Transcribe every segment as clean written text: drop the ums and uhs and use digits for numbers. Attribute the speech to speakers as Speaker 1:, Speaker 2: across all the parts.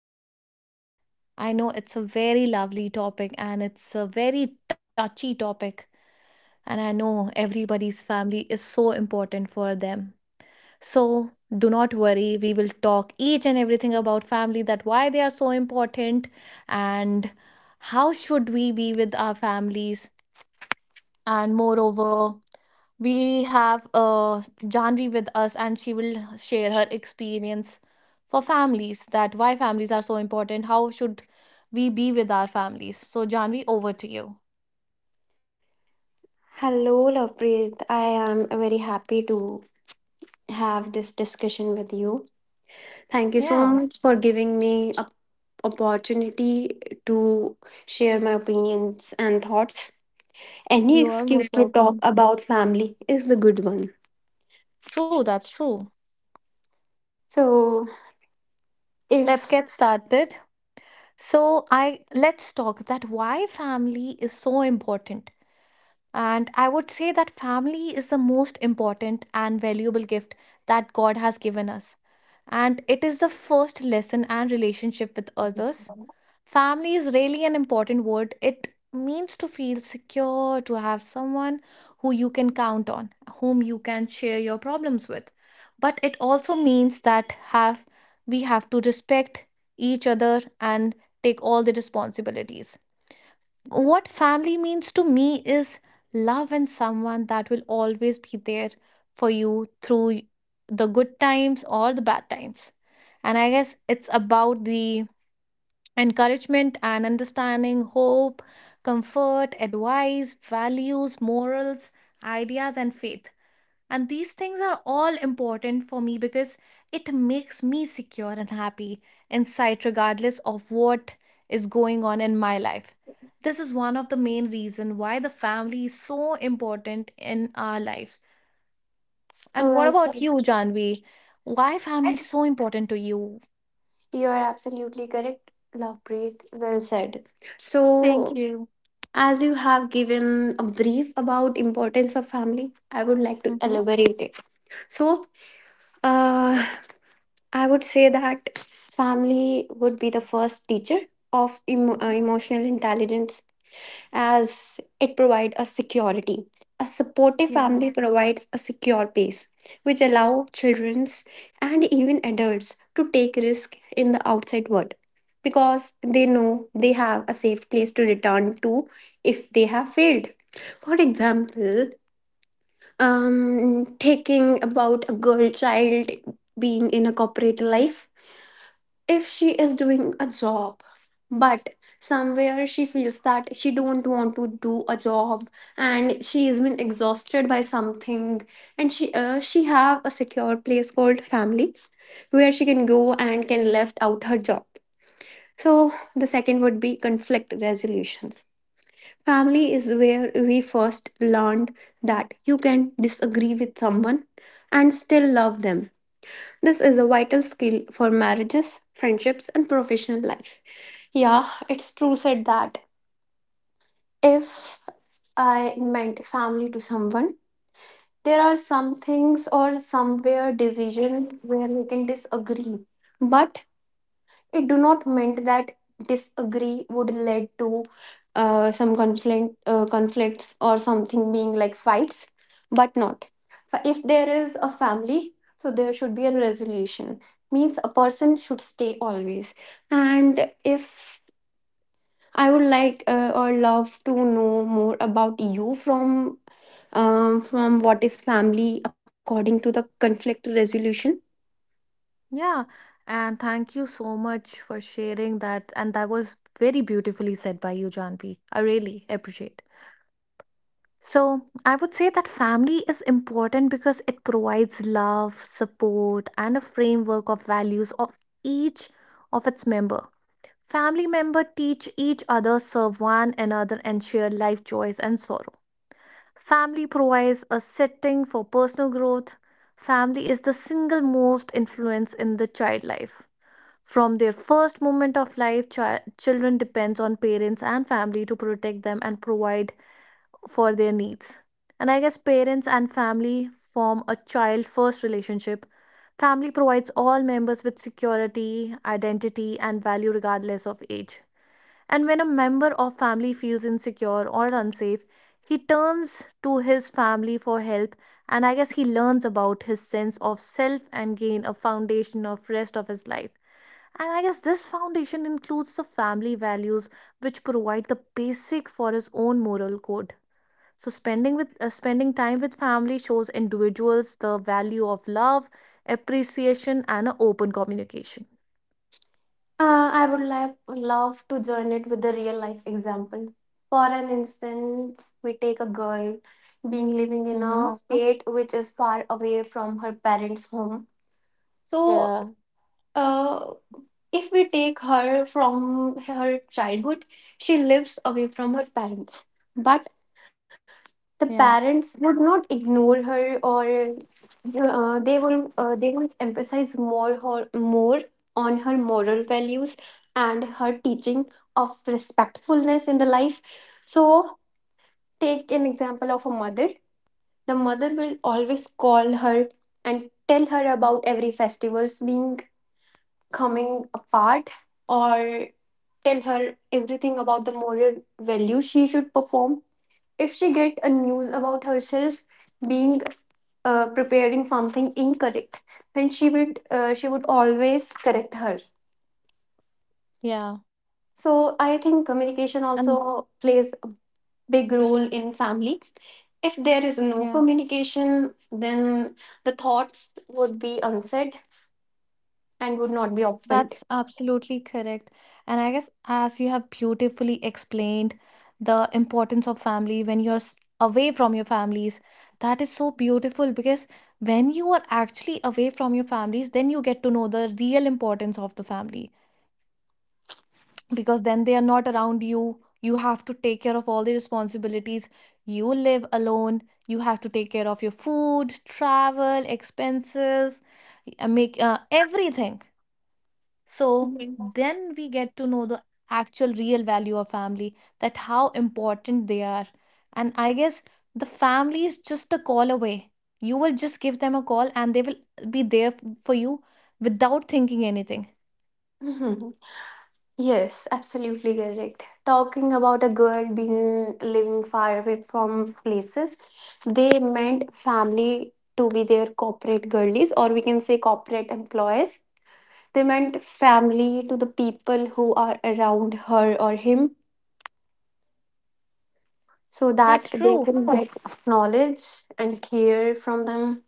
Speaker 1: about family. I know it's a very lovely topic and it's a very touchy topic. And I know everybody's family is so important for them. So do not worry, we will talk each and everything about family, that why they are so important and how should we be with our families, and moreover we have Janvi with us, and she will share her experience for families, that why families are so important. How should we be with our families? So, Janvi, over to you.
Speaker 2: Hello, Lovepreet. I am very happy to have this discussion with you. Thank you so
Speaker 1: Yeah.
Speaker 2: much for giving me a opportunity to share my opinions and thoughts. Any
Speaker 1: You are
Speaker 2: excuse
Speaker 1: most
Speaker 2: to talk
Speaker 1: welcome.
Speaker 2: about family is the good one.
Speaker 1: True. That's true.
Speaker 2: So, if
Speaker 1: Let's get started. So, I let's talk that why family is so important. And I would say that family is the most important and valuable gift that God has given us. And it is the first lesson and relationship with others. Family is really an important word. It means to feel secure, to have someone who you can count on, whom you can share your problems with. But it also means that have we have to respect each other and take all the responsibilities. What family means to me is love and someone that will always be there for you through the good times or the bad times. And I guess it's about the encouragement and understanding, hope, comfort, advice, values, morals, ideas, and faith. And these things are all important for me because it makes me secure and happy inside, regardless of what is going on in my life. This is one of the main reasons why the family is so important in our lives. And what
Speaker 2: well
Speaker 1: about
Speaker 2: said,
Speaker 1: you, Janvi? Why family is so important to you?
Speaker 2: You are absolutely correct, Lovepreet. Well said.
Speaker 1: Thank
Speaker 2: So,
Speaker 1: you.
Speaker 2: as you have given a brief about importance of family, I would like to
Speaker 1: Mm-hmm.
Speaker 2: elaborate it. So, uh, I would say that family would be the first teacher of
Speaker 1: Mhm.
Speaker 2: emotional intelligence as it provides a security. A supportive
Speaker 1: Yeah.
Speaker 2: family provides a secure base which allow childrens and even adults to take risk in the outside world because they know they have a safe place to return to if they have failed. For example, taking about a girl child being in a corporate life, if she is doing a job but somewhere she feels that she don't want to do a job and she has been exhausted by something, and she have a secure place called family where she can go and can left out her job. So the second would be conflict resolutions. Family is where we first learned that you can disagree with someone and still love them. This is a vital skill for marriages, friendships, and professional life. Yeah, it's true said that if I meant family to someone, there are some things or somewhere decisions where we can disagree, but it do not meant that disagree would lead to some conflicts or something being like fights, but not. If there is a family, so there should be a resolution, means a person should stay always. And if I would like or love to know more about you from what is family according to the conflict resolution.
Speaker 1: Yeah, And thank you so much for sharing that. And that was very beautifully said by you, Janvi. I really appreciate. So, I would say that family is important because it provides love, support, and a framework of values of each of its member. Family member teach each other, serve one another, and share life joys and sorrow. Family provides a setting for personal growth. Family is the single most influence in the child life. From their first moment of life, children depends on parents and family to protect them and provide for their needs. And I guess parents and family form a child first relationship. Family provides all members with security, identity, and value regardless of age. And when a member of family feels insecure or unsafe, he turns to his family for help, and I guess he learns about his sense of self and gain a foundation of rest of his life. And I guess this foundation includes the family values which provide the basic for his own moral code. So spending time with family shows individuals the value of love, appreciation, and a open communication.
Speaker 2: I would love to join it with a real life example. For an instance, we take a girl being living in a
Speaker 1: Mm-hmm.
Speaker 2: state which is far away from her parents' home. So,
Speaker 1: Yeah.
Speaker 2: uh, if we take her from her childhood, she lives away from her parents. But the
Speaker 1: Yeah,
Speaker 2: parents would not ignore her, or they will emphasize more her, more on her moral values and her teaching of respectfulness in the life. So take an example of a mother. The mother will always call her and tell her about every festivals being coming apart, or tell her everything about the moral value she should perform. If she get a news about herself being preparing something incorrect, then she would always correct her.
Speaker 1: yeah,
Speaker 2: So I think
Speaker 1: and
Speaker 2: communication also plays a big role in family. If there is
Speaker 1: yeah,
Speaker 2: no communication, then the thoughts would be unsaid and would not be opened.
Speaker 1: that's absolutely correct. And I guess, as you have beautifully explained the importance of family when you're away from your families, that is so beautiful because when you are actually away from your families, then you get to know the real importance of the family, because then they are not around you. You have to take care of all the responsibilities, you live alone, you have to take care of your food, travel expenses, make everything. So
Speaker 2: Mhm.
Speaker 1: then we get to know the actual real value of family, that how important they are. And I guess the family is just a call away. You will just give them a call and they will be there for you without thinking anything.
Speaker 2: Mhm. Yes, absolutely correct. Talking about a girl being living far away from places, they meant family to be their corporate girlies, or we can say corporate employees. They meant family to the people who are around her or him so
Speaker 1: That's
Speaker 2: that they
Speaker 1: true.
Speaker 2: can get knowledge and care from them.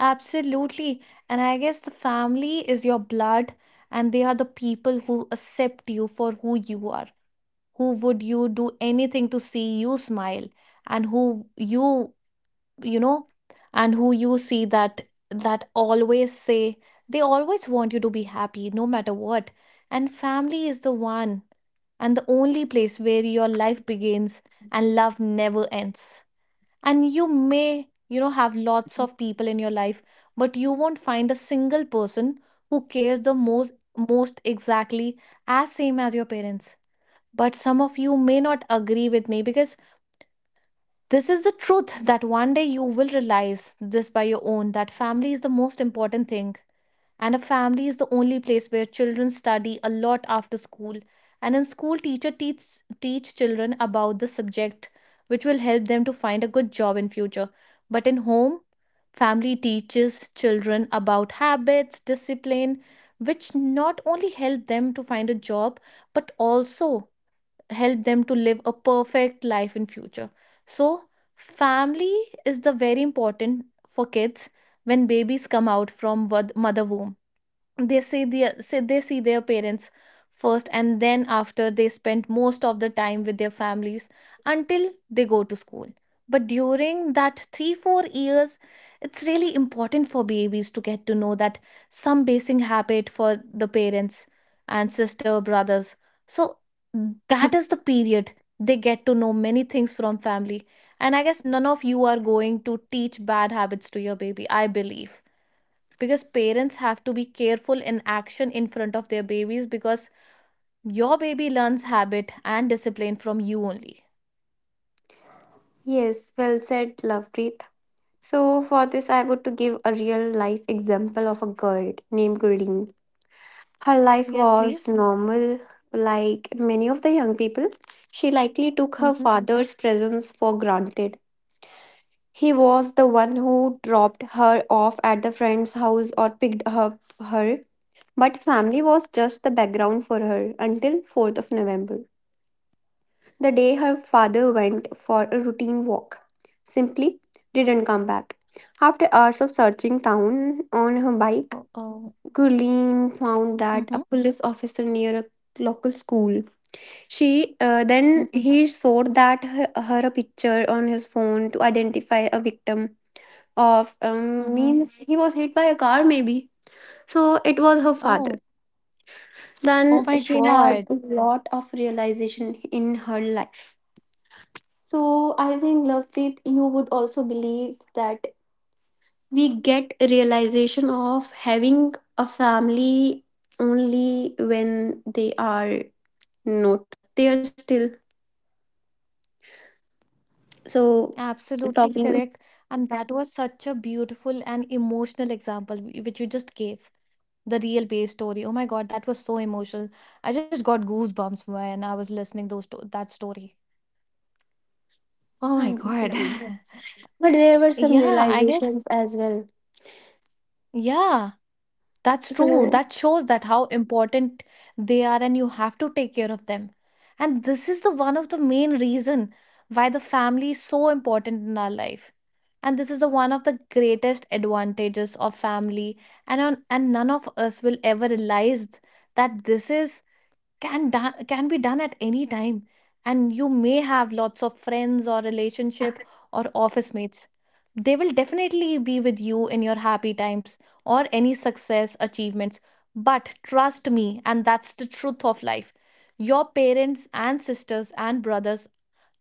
Speaker 1: Absolutely. And I guess the family is your blood, and they are the people who accept you for who you are, who would you do anything to see you smile, and who you, you know, and who you see that always say they always want you to be happy no matter what. And family is the one and the only place where your life begins and love never ends. And you may, have lots of people in your life, but you won't find a single person who cares the most, most exactly as same as your parents. But some of you may not agree with me because this is the truth, that one day you will realize this by your own, that family is the most important thing. And a family is the only place where children study a lot after school. And in school, teacher teach children about the subject which will help them to find a good job in future. But in home, family teaches children about habits, discipline, which not only help them to find a job, but also help them to live a perfect life in future. So family is the very important for kids. When babies come out from mother womb, they they see their parents first, and then after they spend most of the time with their families until they go to school. But during that 3 4 years, it's really important for babies to get to know that some basic habit for the parents and sister brothers. So that is the period they get to know many things from family. And I guess none of you are going to teach bad habits to your baby, I believe, because parents have to be careful in action in front of their babies, because your baby learns habit and discipline from you only.
Speaker 2: Yes, well said, Lovepreet. So for this, I would to give a real life example of a girl named Gurleen. Her life
Speaker 1: Yes,
Speaker 2: was
Speaker 1: please.
Speaker 2: normal, like many of the young people. She likely took her
Speaker 1: Mm-hmm.
Speaker 2: father's presence for granted. He was the one who dropped her off at the friend's house or picked up her. But family was just the background for her until 4th of November, the day her father went for a routine walk. Simply didn't come back. After hours of searching town
Speaker 1: Oh,
Speaker 2: on her
Speaker 1: oh.
Speaker 2: bike, Gurleen
Speaker 1: Mm-hmm.
Speaker 2: found that a police officer near a local school. She
Speaker 1: Mm-hmm.
Speaker 2: Then he showed that her a picture on his phone to identify a victim of
Speaker 1: Mm-hmm.
Speaker 2: means he was hit by a car maybe. So it was her
Speaker 1: Oh,
Speaker 2: father.
Speaker 1: oh
Speaker 2: Then
Speaker 1: my
Speaker 2: she had
Speaker 1: God.
Speaker 2: a lot of realization in her life. So I think, Lovepreet, you would also believe that we get a realization of having a family only when they are not there still. So
Speaker 1: Absolutely
Speaker 2: talking,
Speaker 1: correct. And that was such a beautiful and emotional example which you just gave. The real base story. Oh my God, that was so emotional. I just got goosebumps when I was listening those to that story. Oh
Speaker 2: I
Speaker 1: my
Speaker 2: guess,
Speaker 1: God.
Speaker 2: yeah, but there were some
Speaker 1: Yeah, I guess.
Speaker 2: realizations as well.
Speaker 1: Yeah. That's
Speaker 2: So
Speaker 1: true. That shows that how important they are and you have to take care of them. And this is the one of the main reason why the family is so important in our life. And this is the one of the greatest advantages of family, and none of us will ever realize that this can be done at any time. And you may have lots of friends or relationship or office mates, they will definitely be with you in your happy times or any success achievements. But trust me, and that's the truth of life, your parents and sisters and brothers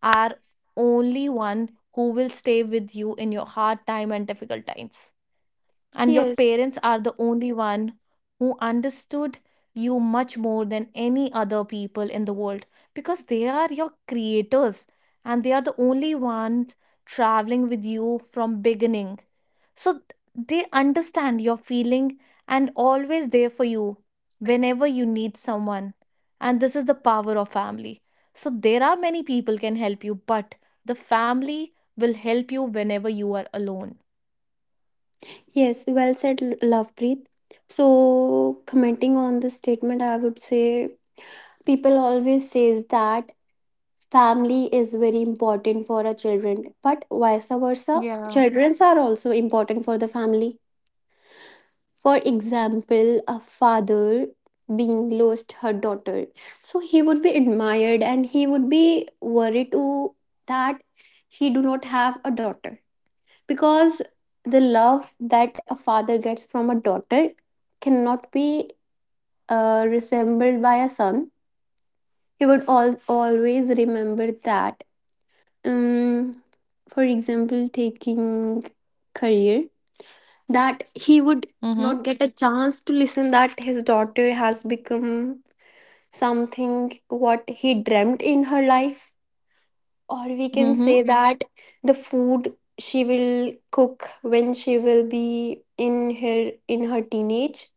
Speaker 1: are only one who will stay with you in your hard time and difficult times. And your
Speaker 2: yes.
Speaker 1: parents are the only one who understood you much more than any other people in the world, because they are your creators, and they are the only ones traveling with you from beginning. So they understand your feeling and always there for you whenever you need someone. And this is the power of family. So there are many people can help you, but the family will help you whenever you are alone.
Speaker 2: Yes, well said, Lovepreet. So commenting on the statement, I would say people always says that family is very important for our children, but vice versa,
Speaker 1: Yeah.
Speaker 2: children are also important for the family. For
Speaker 1: Absolutely. I
Speaker 2: example, a
Speaker 1: totally agree on that.
Speaker 2: father being lost her daughter, so he would be admired and
Speaker 1: Mm.
Speaker 2: he would be worried to that he do not have a daughter, because the love that a father gets from a daughter cannot be resembled by a son. He would al always remember that um, for example, taking career, that he would
Speaker 1: Mm-hmm.
Speaker 2: not get a chance to listen that his daughter has become something what he dreamt in her life, or we can
Speaker 1: Mm-hmm.
Speaker 2: say that the food she will cook when she will be in her teenage.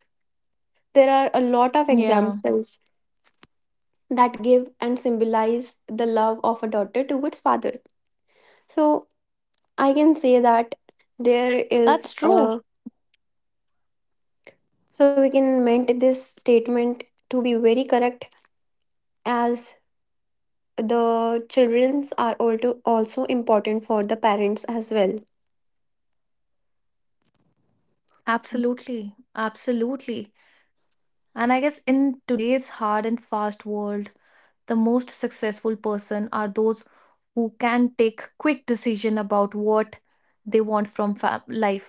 Speaker 2: There are a lot of
Speaker 1: Yeah.
Speaker 2: examples that give and symbolize the love of a daughter towards father. So I
Speaker 1: That's
Speaker 2: can say
Speaker 1: true.
Speaker 2: that there is a, so we can meant this statement to be very correct as the children's are also also important for the parents as well.
Speaker 1: Absolutely. Absolutely. And I guess in today's hard and fast world, the most successful person are those who can take quick decision about what they want from life.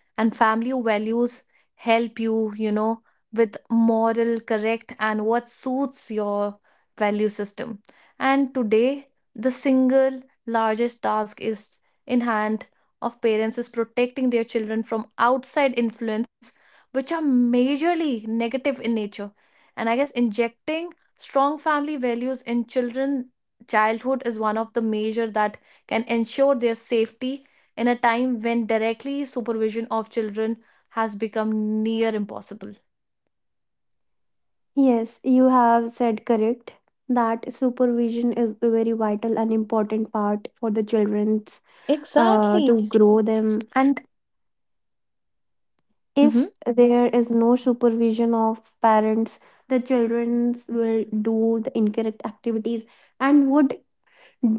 Speaker 1: And family values help you, you know, with moral correct and what suits your value system. And today the single largest task is in hand of parents is protecting their children from outside influence, which are majorly negative in nature. And I guess injecting strong family values in children childhood is one of the measure that can ensure their safety in a time when directly supervision of children has become near impossible.
Speaker 2: Yes, you have said correct that supervision is a very vital and important part for the children's
Speaker 1: Exactly.
Speaker 2: to grow
Speaker 1: And
Speaker 2: them.
Speaker 1: mhm,
Speaker 2: If there is no supervision of parents, the children will do the incorrect activities and would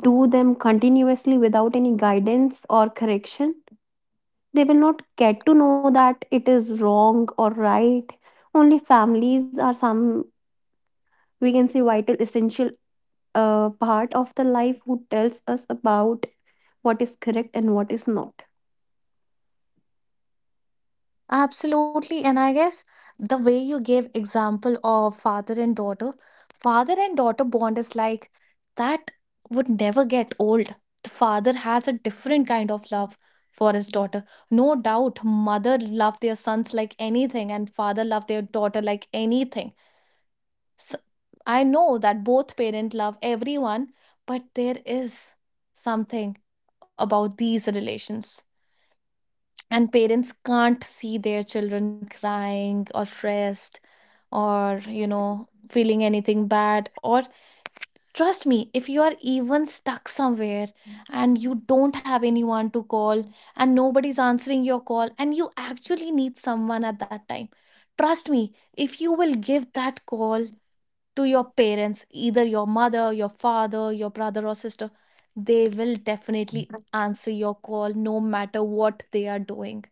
Speaker 2: do them continuously without any guidance or correction, they will not get to know that it is wrong or right. Only families are some, we can say, vital, essential part of the life who tells us about what is correct and what is not.
Speaker 1: absolutely, and I guess the way you gave example of father and daughter bond is like that would never get old. The father has a different kind of love for his daughter. No doubt, mother love their sons like anything, and father love their daughter like anything. S I know that both parents love everyone, but there is something about these relations. And parents can't see their children crying or stressed or, you know, feeling anything bad. Or trust me, if you are even stuck somewhere and you don't have anyone to call and nobody's answering your call and you actually need someone at that time, trust me, if you will give that call to your parents, either your mother, your father, your brother or sister, they will definitely answer your call no matter what they are doing.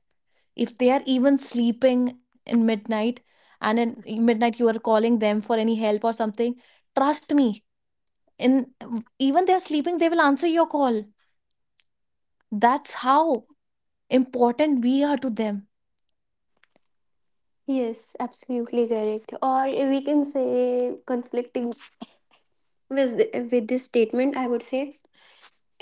Speaker 1: If they are even sleeping in midnight and in midnight you are calling them for any help or something, trust me, in even they're sleeping, they will answer your call. That's how important we are to them.
Speaker 2: Yes, absolutely correct. Or we can say conflicting with, with this statement, I would say,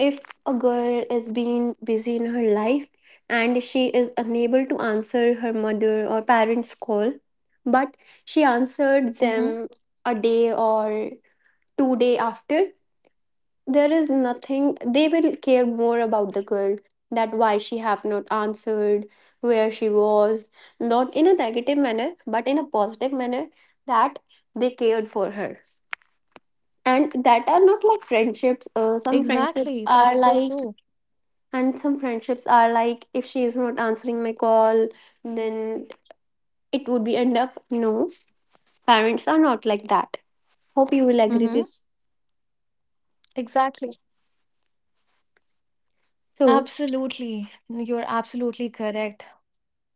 Speaker 2: if a girl is being busy in her life and she is unable to answer her mother or parents' call, but she answered
Speaker 1: Mm-hmm.
Speaker 2: them a day or 2 day after, there is nothing they will care more about the girl, that why she have not answered, where she was, not in a negative manner, but in a positive manner, that they cared for her. And that are not like
Speaker 1: Exactly.
Speaker 2: friendships.
Speaker 1: That's so
Speaker 2: Some
Speaker 1: true.
Speaker 2: friendships are like, and some friendships are like, if she is not answering my call, then it would be end up. No, parents are not like that.
Speaker 1: Mm-hmm.
Speaker 2: Hope you will agree this.
Speaker 1: Exactly.
Speaker 2: So
Speaker 1: Absolutely. You're absolutely correct.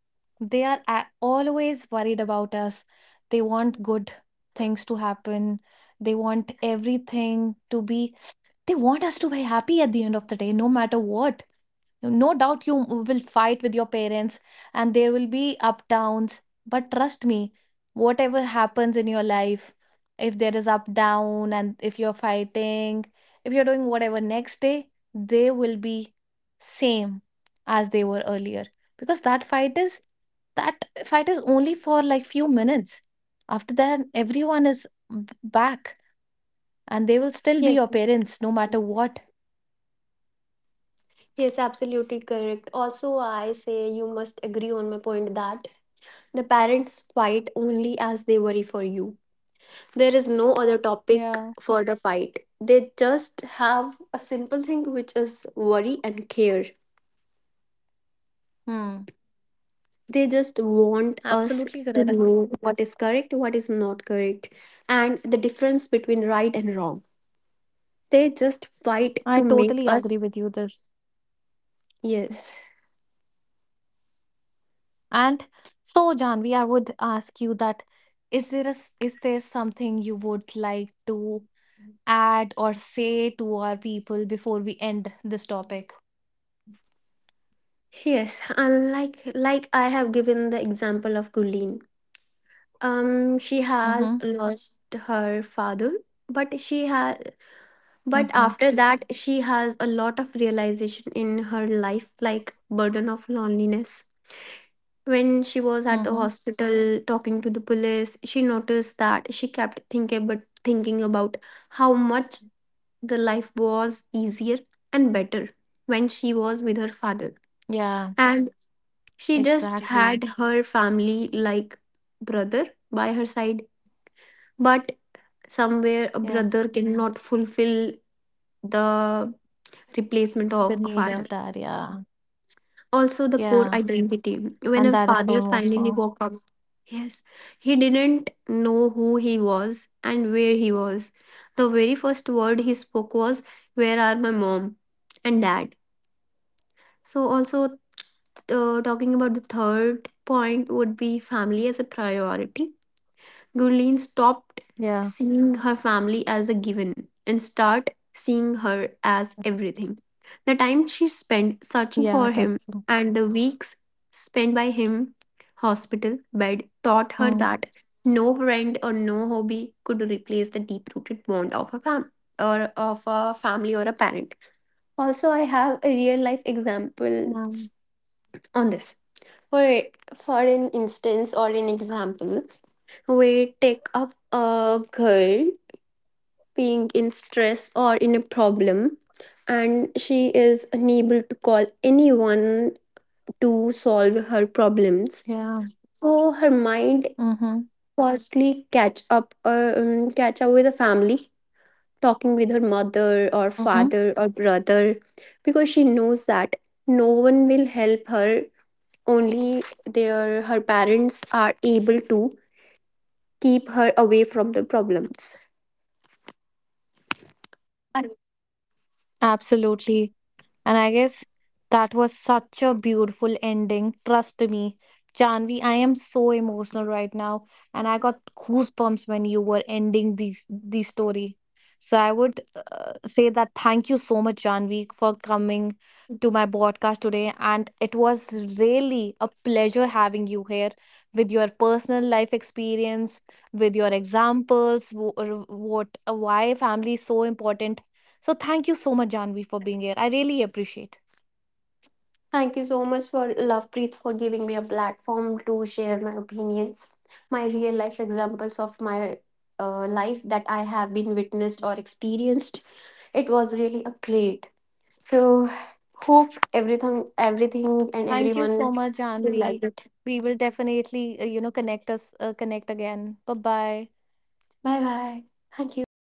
Speaker 1: They are always worried about us. They want good things to happen. they want everything to be they want us to be happy at the end of the day no matter what. No doubt you will fight with your parents and there will be uptowns, but trust me, whatever happens in your life, if there is up down and if you're fighting, if you're doing whatever, next day they will be same as they were earlier, because that fight is only for like few minutes. After that everyone is back, and they will still be
Speaker 2: yes.
Speaker 1: your parents no matter what.
Speaker 2: Yes, absolutely correct. Also, I say you must agree on my point that the parents fight only as they worry for you. There is no other topic
Speaker 1: Yeah.
Speaker 2: for the fight. They just have a simple thing which is worry and care.
Speaker 1: Hmm.
Speaker 2: They just want us
Speaker 1: Absolutely
Speaker 2: to
Speaker 1: correct.
Speaker 2: know what is correct, what is not correct, and the difference between right and wrong. They just fight
Speaker 1: I
Speaker 2: to make
Speaker 1: totally agree
Speaker 2: us,
Speaker 1: with you this.
Speaker 2: yes.
Speaker 1: And so, Janvi, I would ask you that is there a s is there something you would like to add or say to our people before we end this topic?
Speaker 2: Yes, unlike like I have given the example of Gulin. She has
Speaker 1: Mm-hmm.
Speaker 2: lost her father, but she has, but
Speaker 1: Mm-hmm.
Speaker 2: after that she has a lot of realization in her life, like burden of loneliness. When she was at the
Speaker 1: Mm-hmm.
Speaker 2: hospital talking to the police, she noticed that she kept thinking, but thinking about how much the life was easier and better when she was with her father.
Speaker 1: Yeah,
Speaker 2: And she just
Speaker 1: exactly.
Speaker 2: had her family, like brother, by her side. But somewhere a
Speaker 1: Yeah.
Speaker 2: brother cannot fulfill the replacement
Speaker 1: The
Speaker 2: of a
Speaker 1: need of
Speaker 2: father.
Speaker 1: that, yeah.
Speaker 2: Also the core
Speaker 1: Yeah.
Speaker 2: identity, when
Speaker 1: And
Speaker 2: her
Speaker 1: that is so
Speaker 2: father finally
Speaker 1: emotional.
Speaker 2: woke up, yes, he didn't know who he was and where he was. The very first word he spoke was, where are my mom and dad. So also, talking about the third point would be family as a priority. Gurleen stopped
Speaker 1: Yeah.
Speaker 2: seeing her family as a given and start seeing her as everything. The time she spent searching
Speaker 1: Yeah,
Speaker 2: for
Speaker 1: that's
Speaker 2: him
Speaker 1: true.
Speaker 2: and the weeks spent by him hospital bed taught her
Speaker 1: Mm.
Speaker 2: that no friend or no hobby could replace the deep-rooted bond of a fam or of a family or a parent. Also, I have a real-life example
Speaker 1: Yeah.
Speaker 2: on this. For for an instance or an example, we take up a girl being in stress or in a problem, and she is unable to call anyone to solve her problems.
Speaker 1: Yeah.
Speaker 2: So her mind
Speaker 1: Mm-hmm.
Speaker 2: firstly catch up with the family, talking with her mother or
Speaker 1: Mm-hmm.
Speaker 2: father or brother, because she knows that no one will help her, only their her parents are able to keep her away from the problems.
Speaker 1: Absolutely. And I guess that was such a beautiful ending. Trust me, Janvi, I am so emotional right now, and I got goosebumps when you were ending this the story. So I would say that thank you so much, Janvi, for coming to my podcast today, and it was really a pleasure having you here with your personal life experience, with your examples, wh- or what why family is so important. So thank you so much, Janvi, for being here. I really appreciate.
Speaker 2: Thank you so much for Lovepreet for giving me a platform to share my opinions, my real life examples of my life that I have been witnessed or experienced. It was really a great. So hope everything and
Speaker 1: Thank you so
Speaker 2: everyone
Speaker 1: much,
Speaker 2: will like
Speaker 1: Janvi.
Speaker 2: it.
Speaker 1: We will definitely, you know, connect again. Bye bye.
Speaker 2: Bye bye. Thank you.